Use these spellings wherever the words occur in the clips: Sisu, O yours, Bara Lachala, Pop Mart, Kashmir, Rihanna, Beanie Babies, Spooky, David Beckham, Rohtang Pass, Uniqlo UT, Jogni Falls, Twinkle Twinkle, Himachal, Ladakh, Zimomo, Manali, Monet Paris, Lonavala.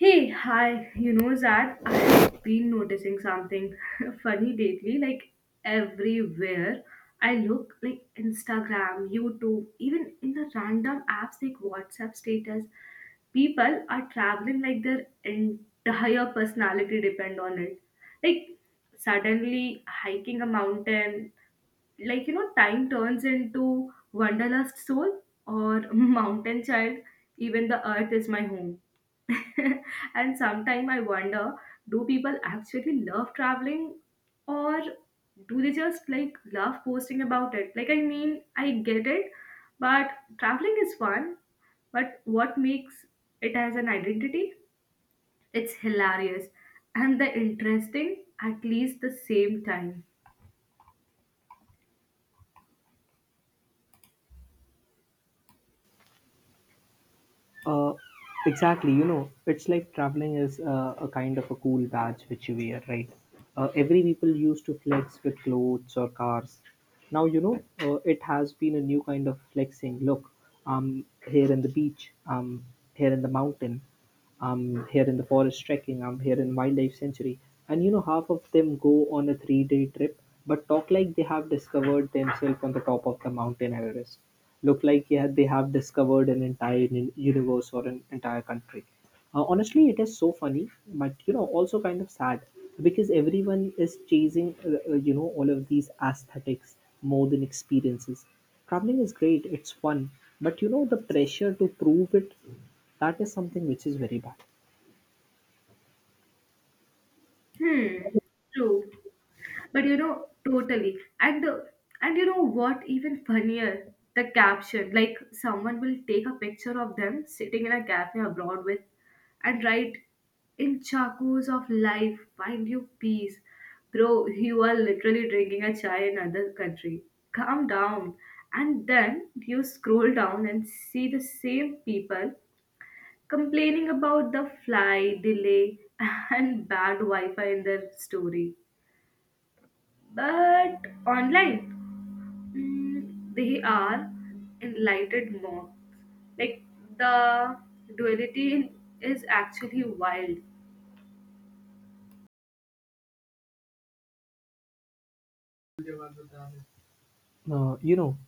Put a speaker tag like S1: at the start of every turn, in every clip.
S1: Hey, hi. Zad, I've been noticing something funny lately. Like everywhere I look, like Instagram, YouTube, even in the random apps like WhatsApp status, people are traveling like their entire personality depend on it. Like suddenly hiking a mountain, like time turns into wanderlust soul or mountain child. Even the earth is my home. And sometimes I wonder, do people actually love traveling? Or do they just like love posting about it? Like I mean I get it, but traveling is fun. But what makes it as an identity? It's hilarious, and the interesting at least the same time.
S2: Uh, exactly. You know, it's like traveling is a kind of a cool badge which you wear, right? Every people used to flex with clothes or cars. Now it has been a new kind of flexing. Look, I'm here in the beach. I'm here in the mountain. I'm here in the forest trekking. I'm here in wildlife sanctuary. And you know, half of them go on a three-day trip, but talk like they have discovered themselves on the top of the mountain Everest, look like yeah they have discovered an entire universe or an entire country. Honestly it is so funny, but you know also kind of sad because everyone is chasing you know all of these aesthetics more than experiences. Traveling is great, it's fun, but you know the pressure to prove it, that is something which is very bad.
S1: Hmm. True. But you know, totally. And you know what? Even funnier, the caption. Like someone will take a picture of them sitting in a cafe abroad with, and write, "In chakos of life, find you peace, bro. You are literally drinking a chai in another country. Calm down." And then you scroll down and see the same people complaining about the flight delay and bad Wi-Fi in their story. But online, they are enlightened monks. Like the duality is actually wild.
S2: You know,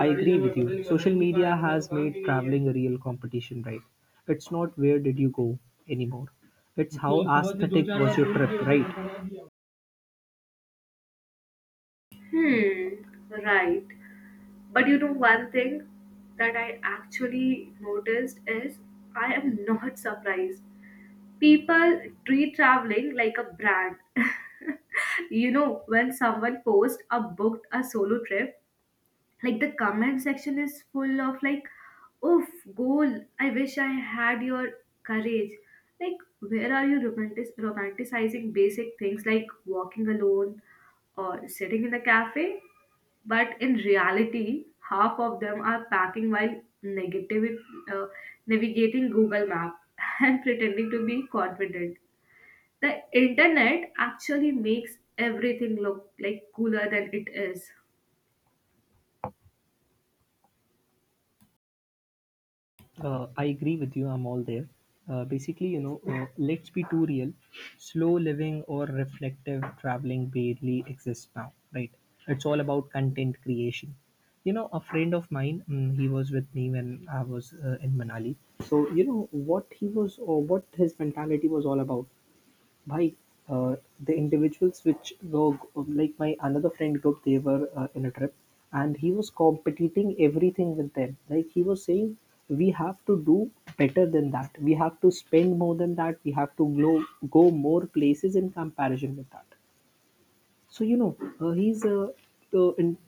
S2: I agree with you. Social media has made traveling a real competition, right? It's not where did you go anymore. It's how aesthetic was your trip, right?
S1: Hmm, right. But you know, one thing that I actually noticed is I am not surprised. People treat traveling like a brand. You know, when someone posts a booked a solo trip, like the comment section is full of like oof, goal, I wish I had your courage. Like where are you romanticizing basic things like walking alone or sitting in a cafe? But in reality, half of them are packing while negative, uh, navigating Google Map and pretending to be confident. The internet actually makes everything look like cooler than it is.
S2: I agree with you. I'm all there. Basically, you know, let's be too real. Slow living or reflective traveling barely exists now, right? It's all about content creation. You know, a friend of mine, mm, he was with me when I was in Manali. So, you know, what he was or what his mentality was all about. Bhai, the individuals which were like my another friend group, they were in a trip, and he was competing everything with them. Like he was saying, we have to do better than that. We have to spend more than that. We have to go more places in comparison with that. So you know, he's in,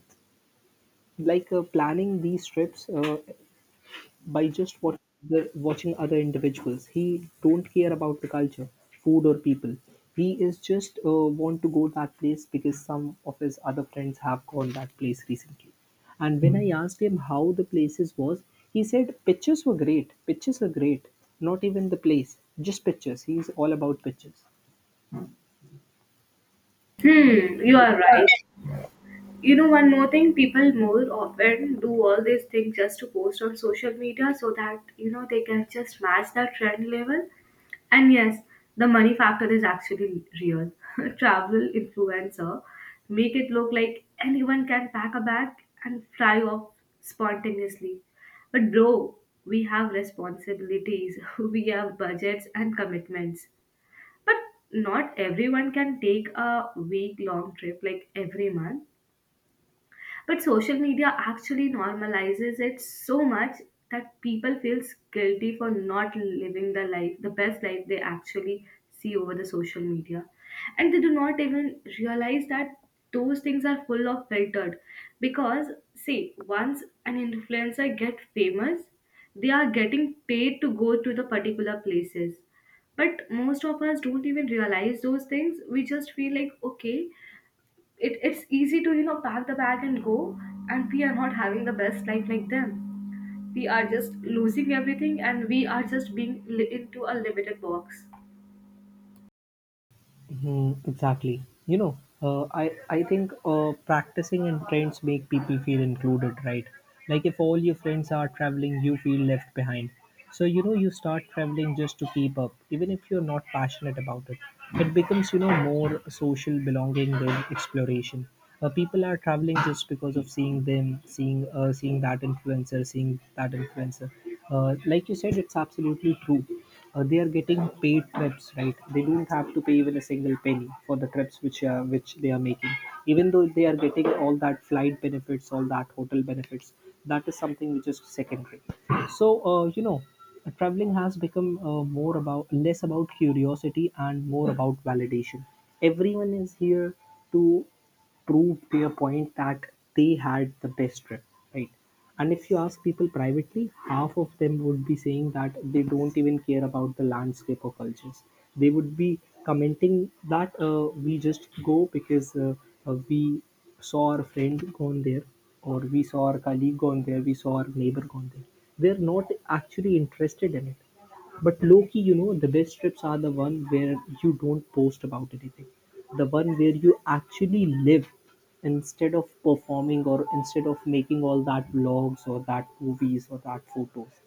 S2: like planning these trips. By just what watching other individuals. He don't care about the culture, food or people. He is just want to go that place because some of his other friends have gone that place recently. And when I asked him how the places was, he said pictures were great. Pictures are great. Not even the place, just pictures. He's all about pictures.
S1: Hmm, you are right. You know, one more thing, people more often do all these things just to post on social media so that, you know, they can just match that trend level. And yes, the money factor is actually real. Travel influencer make it look like anyone can pack a bag and fly off spontaneously. But bro, we have responsibilities, we have budgets and commitments. But not everyone can take a week long trip like every month. But social media actually normalizes it so much that people feels guilty for not living the life, the best life they actually see over the social media. And they do not even realize that those things are full of filtered. Because see, once an influencer get famous, they are getting paid to go to the particular places. But most of us don't even realize those things. We just feel like okay, it's easy to you know pack the bag and go, and we are not having the best life like them. We are just losing everything and we are just being into a limited box.
S2: Hmm, exactly. You know, I think practicing and trends make people feel included, right? Like if all your friends are traveling, you feel left behind. So you know you start traveling just to keep up, even if you're not passionate about it. It becomes you know more social belonging than exploration. People are traveling just because of seeing that influencer. Like you said, it's absolutely true. They are getting paid trips, right? They don't have to pay even a single penny for the trips which they are making. Even though they are getting all that flight benefits, all that hotel benefits, that is something which is secondary. So you know, traveling has become more about less about curiosity and more about validation. Everyone is here to prove their point that they had the best trip, right? And if you ask people privately, half of them would be saying that they don't even care about the landscape or cultures. They would be commenting that we just go because we saw our friend gone there, or we saw our colleague gone there, we saw our neighbor gone there. They're not actually interested in it. But low-key you know, the best trips are the one where you don't post about anything. The one where you actually live instead of performing or instead of making all that vlogs or that movies or that photos.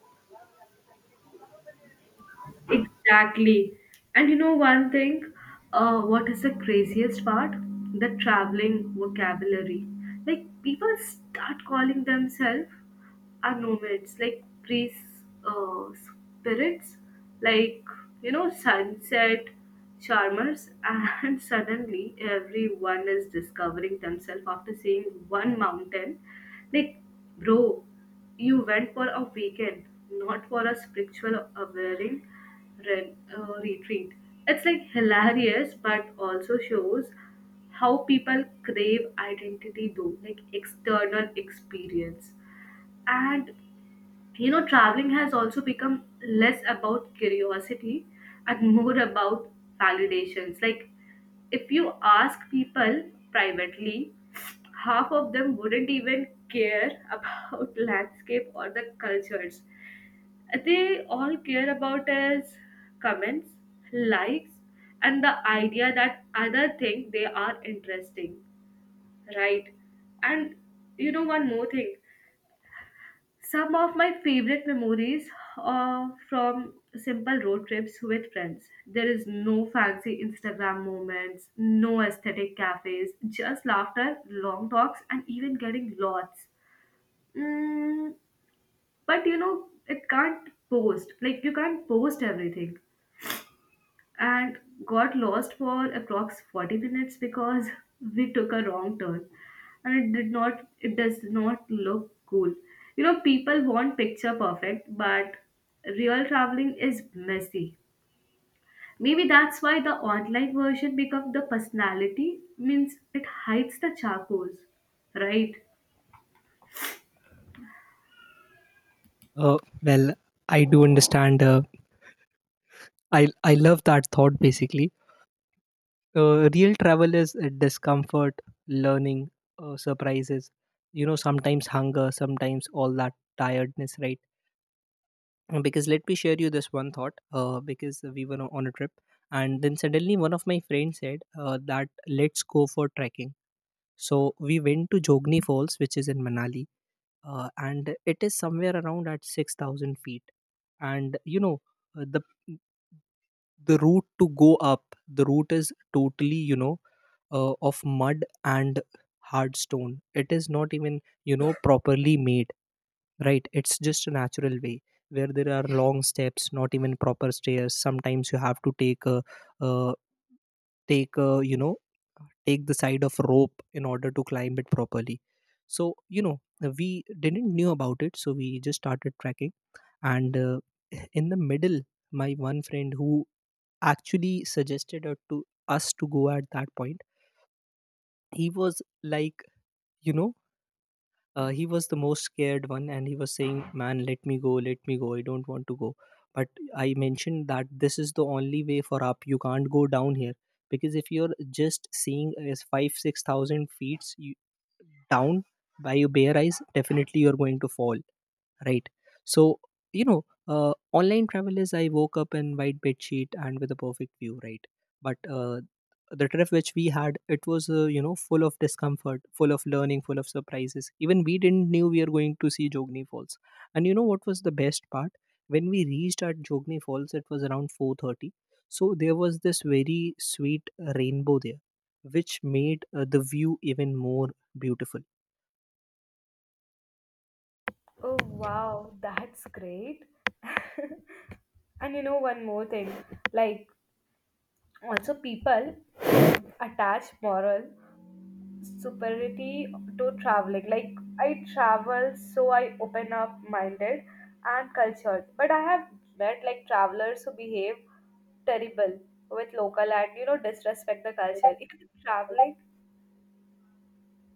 S1: Exactly. And you know one thing, what is the craziest part? The traveling vocabulary. Like people start calling themselves are nomads, like priests, spirits, like you know, sunset charmers, and suddenly everyone is discovering themselves after seeing one mountain. Like, bro, you went for a weekend, not for a spiritual awakening retreat. It's like hilarious, but also shows how people crave identity though, like external experience. And you know, traveling has also become less about curiosity and more about validations. Like, if you ask people privately, half of them wouldn't even care about landscape or the cultures. They all care about is comments, likes, and the idea that other think they are interesting, right? And you know one more thing. Some of my favorite memories are from simple road trips with friends. There is no fancy Instagram moments, no aesthetic cafes, just laughter, long talks, and even getting lots. Mm, but you know, it can't post. Like, you can't post everything, and got lost for approx 40 minutes because we took a wrong turn. And it did not, it does not look cool. You know, people want picture perfect, but real traveling is messy. Maybe that's why the online version becomes the personality, means it hides the charcoals, right?
S2: Well, I do understand. I love that thought. Basically, real travel is discomfort, learning, surprises. You know, sometimes hunger, sometimes all that tiredness, right? Because let me share you this one thought because we were on a trip and then suddenly one of my friends said that let's go for trekking. So we went to Jogni Falls which is in Manali, and it is somewhere around at 6000 feet. And you know, uh, the the route to go up, the route is totally you know of mud and hard stone. It is not even you know properly made, right? It's just a natural way where there are long steps, not even proper stairs. Sometimes you have to uh, take a you know, take the side of rope in order to climb it properly. So you know, we didn't knew about it, so we just started trekking. And in the middle, my one friend who actually suggested us to go at that point, he was like, you know, he was the most scared one and he was saying, man, let me go, let me go, I don't want to go. But I mentioned that this is the only way for up, you can't go down here, because if you're just seeing as five six thousand feet, you, down by your bare eyes, definitely you're going to fall, right? So you know, online travel is I woke up in white bed sheet and with a perfect view, right? But the trip which we had, it was you know full of discomfort, full of learning, full of surprises. Even we didn't knew we are going to see Jogni Falls. And you know what was the best part? When we reached at Jogni Falls, it was around 4:30. So there was this very sweet rainbow there, which made the view even more beautiful.
S1: Oh wow, that's great. And you know one more thing, like also people attach moral superiority to traveling. Like I travel, so I open up minded and cultured. But I have met like travelers who behave terrible with local and you know disrespect the culture.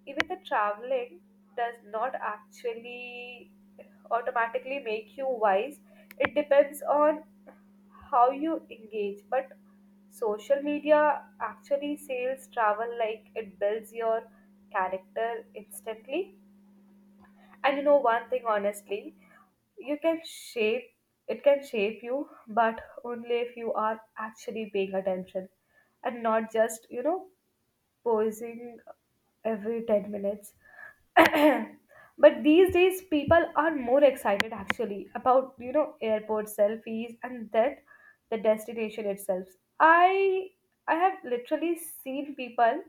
S1: Even the traveling does not actually automatically make you wise. It depends on how you engage, but social media actually sales travel like it builds your character instantly. And you know one thing, honestly, you can shape, it can shape you, but only if you are actually paying attention and not just you know posing every 10 minutes. But these days people are more excited actually about you know airport selfies and that the destination itself. I i have literally seen people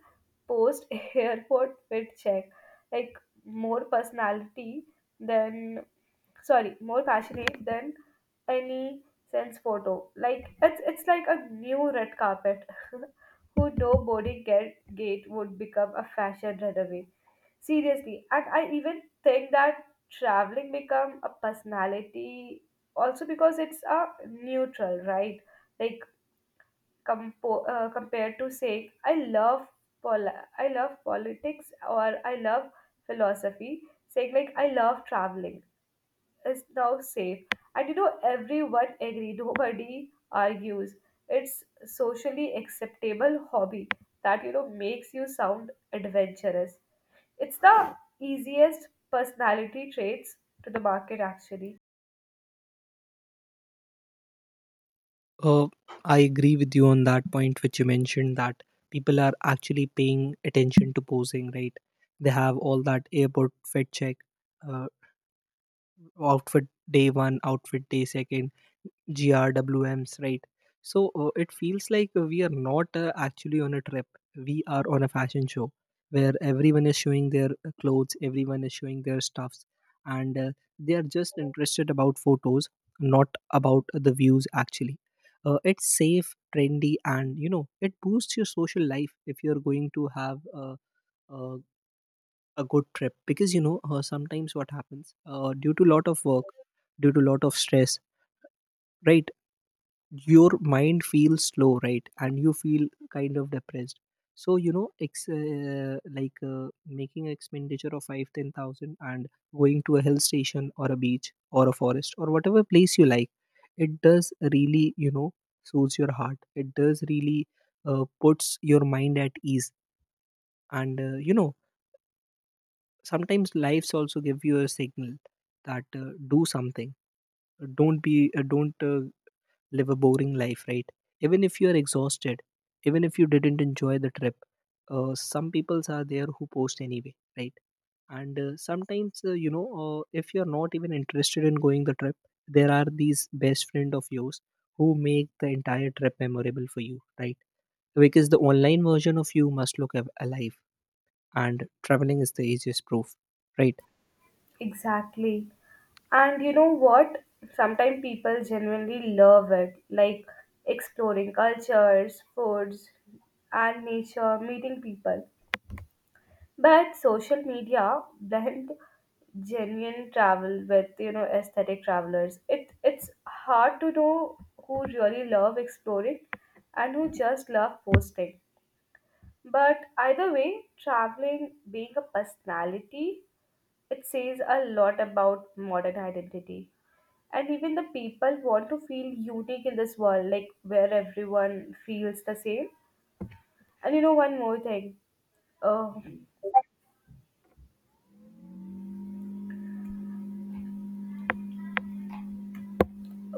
S1: post airport fit check, like more personality than, sorry, more passionate than any sense photo. Like it's like a new red carpet. Who, no boarding gate would become a fashion runaway. Seriously, and I even think that traveling become a personality also because it's a neutral, right? Like compared to saying pol- I love politics or I love philosophy, saying like I love traveling is now safe. And you know, everyone agree, nobody argues. It's socially acceptable hobby that you know makes you sound adventurous. It's the easiest personality traits to the market actually.
S2: Uh, i agree with you on that point which you mentioned that people are actually paying attention to posing, right? They have all that airport fit check, uh, outfit day one, outfit day second, GRWMs, right? So it feels like we are not actually on a trip. We are on a fashion show where everyone is showing their clothes, everyone is showing their stuffs, and they are just interested about photos, not about the views actually. It's safe, trendy, and you know it boosts your social life if you're going to have a, a a good trip. Because you know sometimes what happens, due to lot of work, due to lot of stress, right, your mind feels slow, right, and you feel kind of depressed. So you know making expenditure of 5, 10,000, and going to a hill station or a beach or a forest or whatever place you like, it does really you know soothes your heart, it does really puts your mind at ease. And you know, sometimes lives also give you a signal that do something, don't live a boring life, right? Even if you are exhausted, even if you didn't enjoy the trip, some peoples are there who post anyway, right? And sometimes you know if you're not even interested in going the trip, there are these best friend of yours who make the entire trip memorable for you, right? Because the online version of you must look alive, and traveling is the easiest proof, right?
S1: Exactly. And you know what? Sometimes people genuinely love it, like exploring cultures, foods, and nature, meeting people. But social media blend genuine travel with you know aesthetic travelers. It's hard to know who really love exploring and who just love posting. But either way, traveling being a personality, it says a lot about modern identity. And even the people want to feel unique in this world, like where everyone feels the same. And you know one more thing. Uh,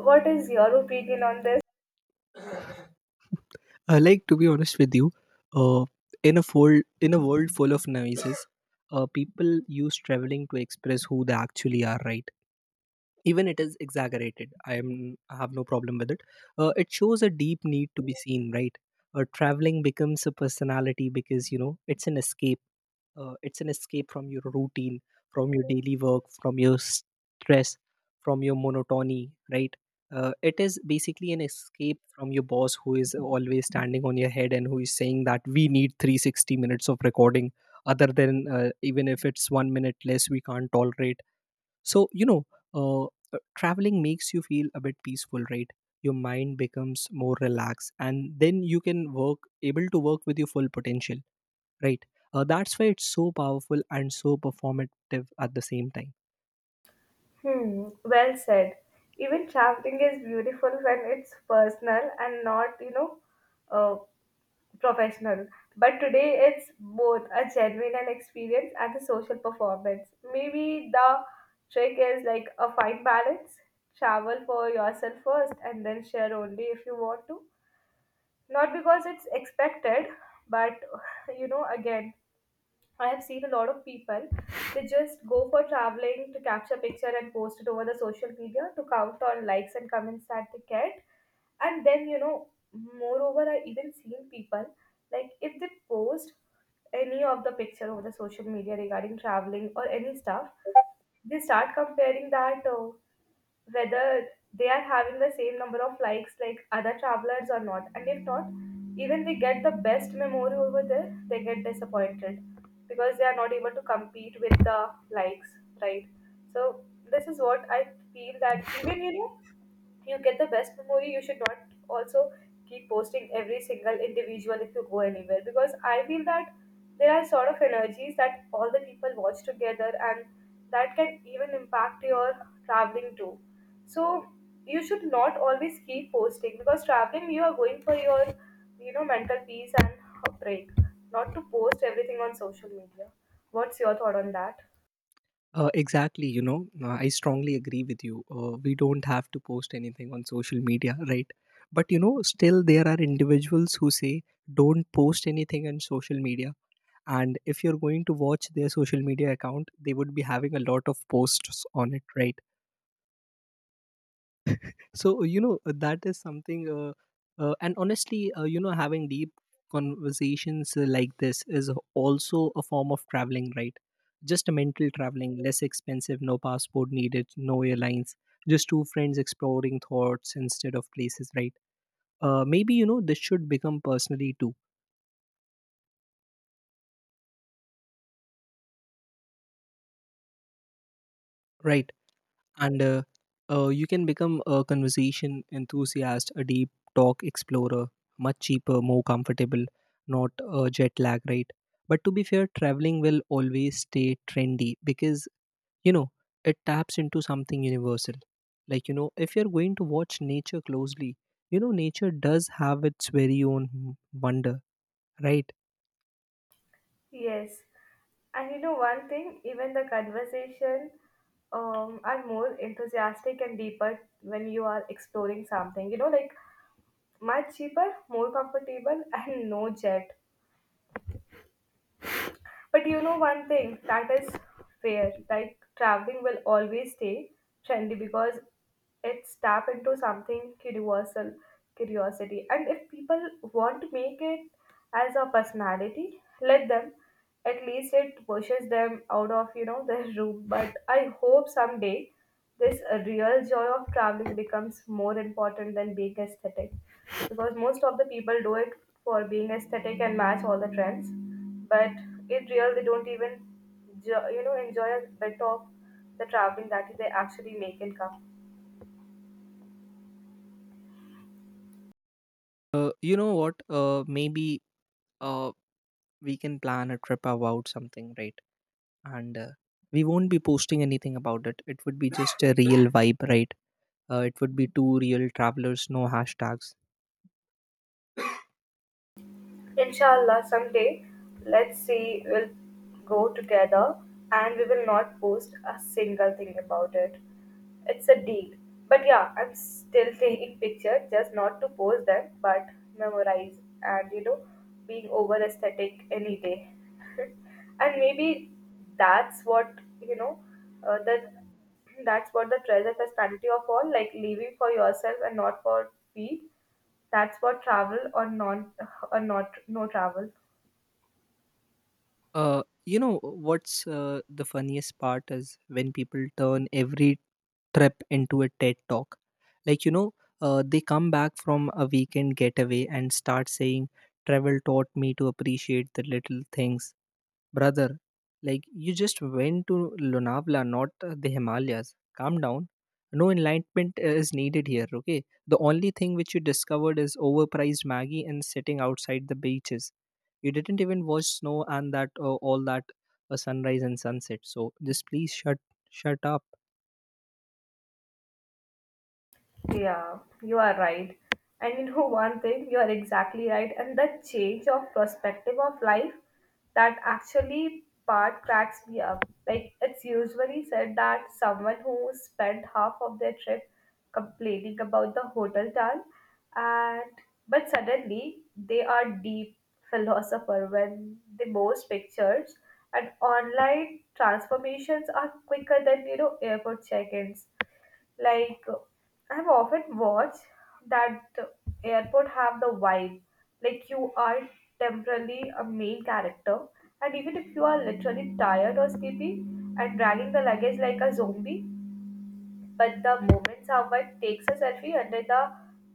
S1: what is your opinion on this?
S2: Like to be honest with you, uh, in a world full of noises, people use traveling to express who they actually are, right? Even it is exaggerated, I have no problem with it. It shows a deep need to be seen, right? Traveling becomes a personality because you know it's an escape, it's an escape from your routine, from your daily work, from your stress, from your monotony, right? It is basically an escape from your boss who is always standing on your head and who is saying that we need 360 minutes of recording, other than even if it's 1 minute less we can't tolerate. So you know, uh, traveling makes you feel a bit peaceful, right? Your mind becomes more relaxed and then you can work able to work with your full potential, right? That's why it's so powerful and so performative at the same time.
S1: Hmm, well said. Even traveling is beautiful when it's personal and not, you know, uh, professional. But today it's both a genuine and experience and a social performance. Maybe the trick is like a fine balance. Travel for yourself first and then share only if you want to. Not because it's expected, but you know, again, I have seen a lot of people, they just go for traveling to capture picture and post it over the social media to count on likes and comments that they get. And then, you know, moreover, I even seen people like if they post any of the picture over the social media regarding traveling or any stuff, they start comparing that. Whether they are having the same number of likes like other travelers or not. And if not, even they get the best memory over there, they get disappointed because they are not able to compete with the likes, right? So this is what I feel that even you know you get the best memory you should not also keep posting every single individual if you go anywhere, because I feel that there are sort of energies that all the people watch together and that can even impact your traveling too. So you should not always keep posting, because traveling you are going for your you know mental peace and a break, not to post everything on social media. What's your thought on that?
S2: Exactly, you know, I strongly agree with you. We don't have to post anything on social media, right? But you know, still there are individuals who say don't post anything on social media. And if you're going to watch their social media account, they would be having a lot of posts on it, right? That is something, and honestly, having deep conversations like this is also a form of traveling, right? Just a mental traveling, less expensive, no passport needed, no airlines, just two friends exploring thoughts instead of places, right? Maybe this should become personally too, right? And you can become a conversation enthusiast, a deep talk explorer. Much cheaper, more comfortable, not jet lag, right? But to be fair, traveling will always stay trendy because, you know it taps into something universal. Like if you're going to watch nature closely, nature does have its very own wonder, right?
S1: Yes, and you know one thing, even the conversation are more enthusiastic and deeper when you are exploring something. You know, like much cheaper, more comfortable, and no jet. But you know one thing that is fair. Like traveling will always stay trendy because it's tap into something universal curiosity. And if people want to make it as a personality, let them. At least it pushes them out of you know their room. But I hope someday this real joy of traveling becomes more important than being aesthetic, because most of the people do it for being aesthetic and match all the trends, but in real they don't even you know enjoy a bit of the traveling that they actually make income.
S2: You know what? Uh, maybe uh, we can plan a trip about something, right? And we won't be posting anything about it. It would be just a real vibe, right? It would be two real travelers, no hashtags.
S1: Inshallah someday, let's see, we'll go together and we will not post a single thing about it. It's a deal. But yeah, I'm still taking pictures, just not to post them, but memorize. And you know, being over aesthetic any day. And maybe that's what you know, uh, that that's what the treasure personality of all, like living for yourself and not for feed. That's what travel or non or not no travel.
S2: You know what's the funniest part? Is when people turn every trip into a Ted talk. Like, they come back from a weekend getaway and start saying, travel taught me to appreciate the little things. Brother, like, you just went to Lonavala, not the Himalayas. Calm down. No enlightenment is needed here, okay? The only thing which you discovered is overpriced Maggie and sitting outside the beaches. You didn't even watch snow and that, all that sunrise and sunset. So just please shut up.
S1: Yeah, you are right. And you know one thing, you are exactly right. And the change of perspective of life that actually part cracks me up. Like it's usually said that someone who spent half of their trip complaining about the hotel town and but suddenly they are deep philosopher when the most pictures and online transformations are quicker than airport check-ins. like uh, I have often watched that airport have the vibe, like you are temporarily a main character. And even if you are literally tired or sleepy and dragging the luggage like a zombie, but the moment someone takes a selfie under the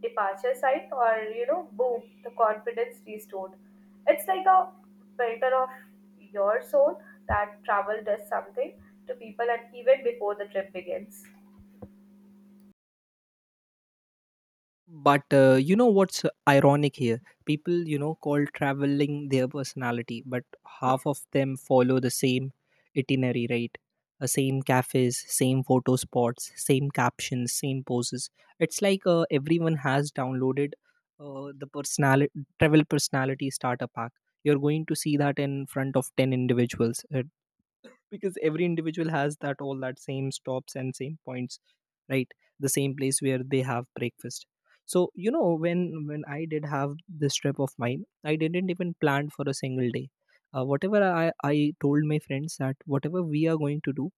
S1: departure sign, or boom, the confidence restored. It's like a filter of your soul. That travel does something to people, and even before the trip begins.
S2: But you know what's ironic here? People, call traveling their personality, but half of them follow the same itinerary, right? Same cafes, same photo spots, same captions, same poses. It's like everyone has downloaded the personality travel personality starter pack. You're going to see that in front of ten individuals, because every individual has that, all that same stops and same points, right? The same place where they have breakfast. So you know, when I did have this trip of mine, I didn't even plan for a single day. Whatever I told my friends, that whatever we are going to do,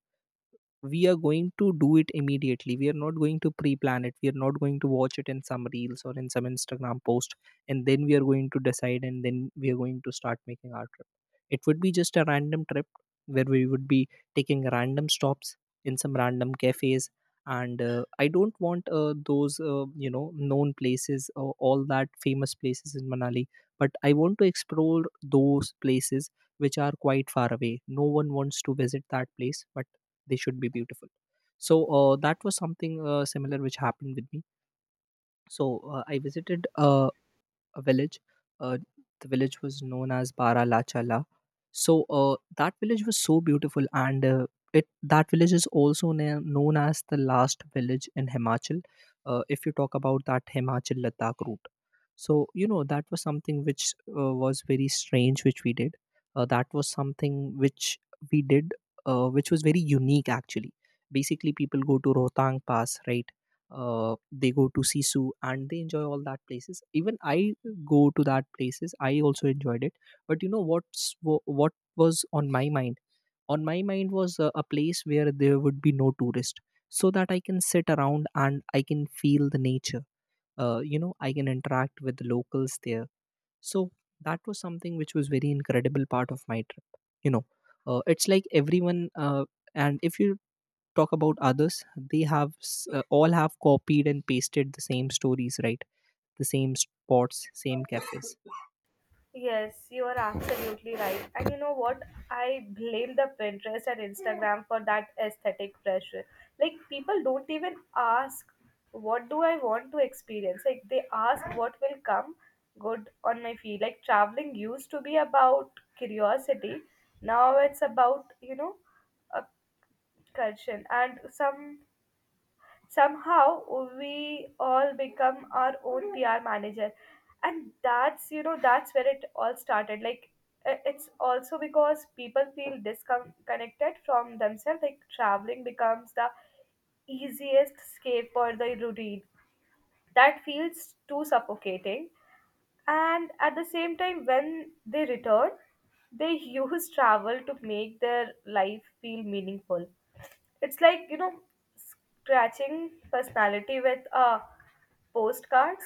S2: we are going to do it immediately. We are not going to pre plan it. We are not going to watch it in some reels or in some Instagram post. And then we are going to decide, and then we are going to start making our trip. It would be just a random trip where we would be taking random stops in some random cafes. And I don't want those, known places, all that famous places in Manali. But I want to explore those places which are quite far away. No one wants to visit that place, but they should be beautiful. So that was something similar which happened with me. So I visited a village. Uh, the village was known as Bara Lachala. So that village was so beautiful, and it that village is also known as the last village in Himachal. If you talk about that Himachal Ladakh route, so you know, that was something which was very strange, which we did. That was something which we did, which was very unique actually. Basically, people go to Rohtang Pass, right? They go to Sisu and they enjoy all that places. Even I go to that places, I also enjoyed it. But you know what's what was on my mind? On my mind was a place where there would be no tourist, so that I can sit around and I can feel the nature. I can interact with the locals there. So that was something which was very incredible part of my trip, you know. It's like everyone, and if you talk about others, they have all have copied and pasted the same stories, right? The same spots, same cafes.
S1: Yes, you are absolutely right. And you know what? I blame the Pinterest and Instagram for that aesthetic pressure. Like, people don't even ask, what do I want to experience? Like, they ask what will come good on my feed. Like, traveling used to be about curiosity. Now it's about, you know, a cursion and some somehow we all become our own PR manager. And that's, you know, that's where it all started. It's also because people feel disconnected from themselves. Like, traveling becomes the easiest escape for the routine. That feels too suffocating. And at the same time, when they return, they use travel to make their life feel meaningful. It's like, you know, scratching personality with postcards.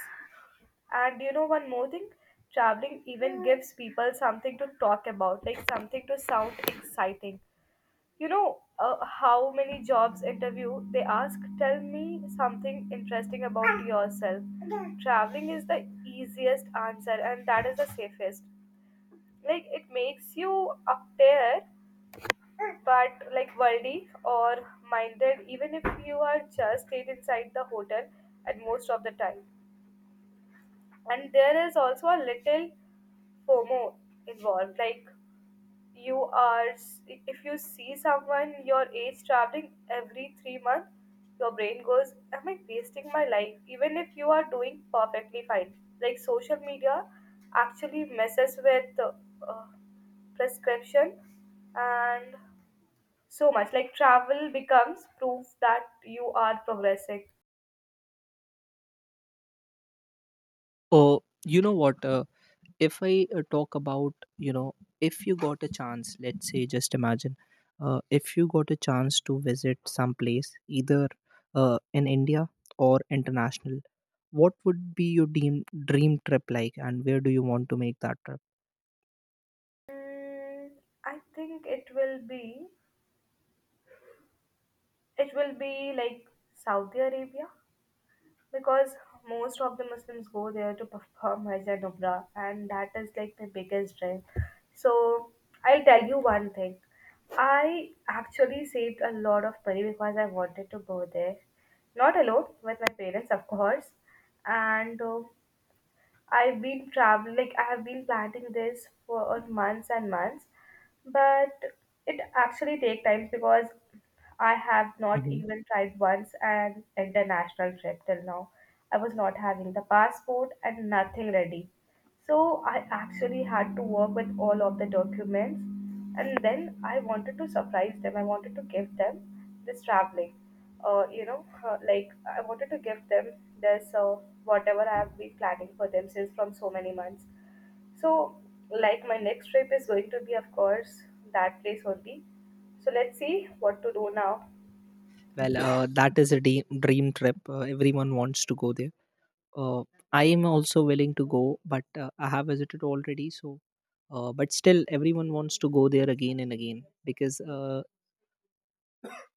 S1: And you know, one more thing, traveling even gives people something to talk about, like something to sound exciting. How many jobs interview they ask, tell me something interesting about yourself. Traveling is the easiest answer, and that is the safest. Like, it makes you appear but like worldly or minded, even if you are just stayed inside the hotel at most of the time. And there is also a little fomo involved. Like, you are, if you see someone your age traveling every 3 months, your brain goes, am I wasting my life, even if you are doing perfectly fine. Like, social media actually messes with uh, prescription and so much. Like, travel becomes proof that you are progressing.
S2: Oh, you know what? If I talk about, you know, if you got a chance, let's say, just imagine, if you got a chance to visit some place, either in India or international, what would be your dream, dream trip like, and where do you want to make that trip?
S1: Mm, I think it will be, it will be like Saudi Arabia, because most of the Muslims go there to perform Hajj and Umrah, and that is like my biggest dream. So I'll tell you one thing, I actually saved a lot of money because I wanted to go there, not alone, with my parents of course. And I've been traveling, like I have been planning this for on months and months, but it actually take time because I have not
S2: Mhm.
S1: even tried once an international trip till now. I was not having the passport and nothing ready. So I actually had to work with all of the documents, and then I wanted to surprise them. I wanted to give them this traveling. Like I wanted to give them this whatever I have been planning for them since from so many months. So, like, my next trip is going to be, of course, that place only. So let's see what to do now.
S2: Well, that is a dream trip. Everyone wants to go there. uh, I am also willing to go, but I have visited already. So, but still, everyone wants to go there again and again because,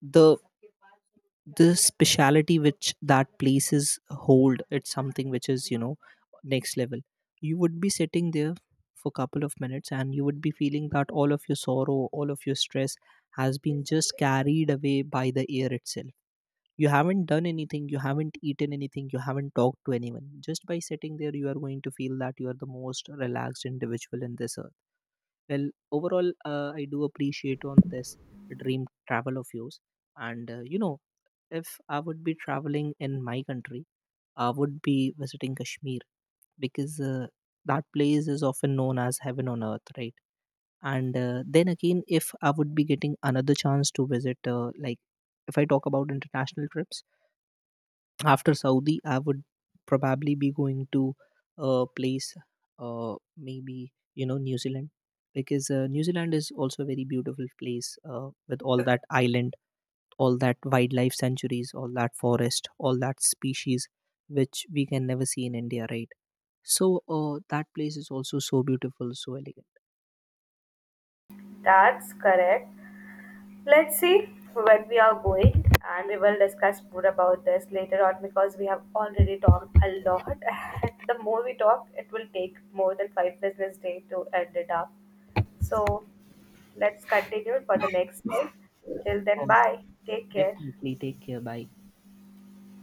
S2: the the speciality which that places hold, it's something which is, you know, next level. You would be sitting there for couple of minutes, and you would be feeling that all of your sorrow, all of your stress has been just carried away by the air itself. You haven't done anything, you haven't eaten anything, you haven't talked to anyone. Just by sitting there, you are going to feel that you are the most relaxed individual in this earth. Well, overall, I do appreciate on this dream travel of yours. And if I would be traveling in my country, I would be visiting Kashmir, because that place is often known as heaven on earth, right? And then again, if I would be getting another chance to visit, like, if I talk about international trips, after Saudi, I would probably be going to a place, maybe New Zealand, because New Zealand is also a very beautiful place, with all that island, all that wildlife sanctuaries, all that forest, all that species which we can never see in India, right? So that place is also so beautiful, so elegant.
S1: That's correct. Let's see where we are going, and we will discuss more about this later on, because we have already talked a lot. The more we talk, it will take more than five business days to end it up. So let's continue for the next time. Till then,
S2: Oh,
S1: bye. Take care.
S2: definitely, take care, bye.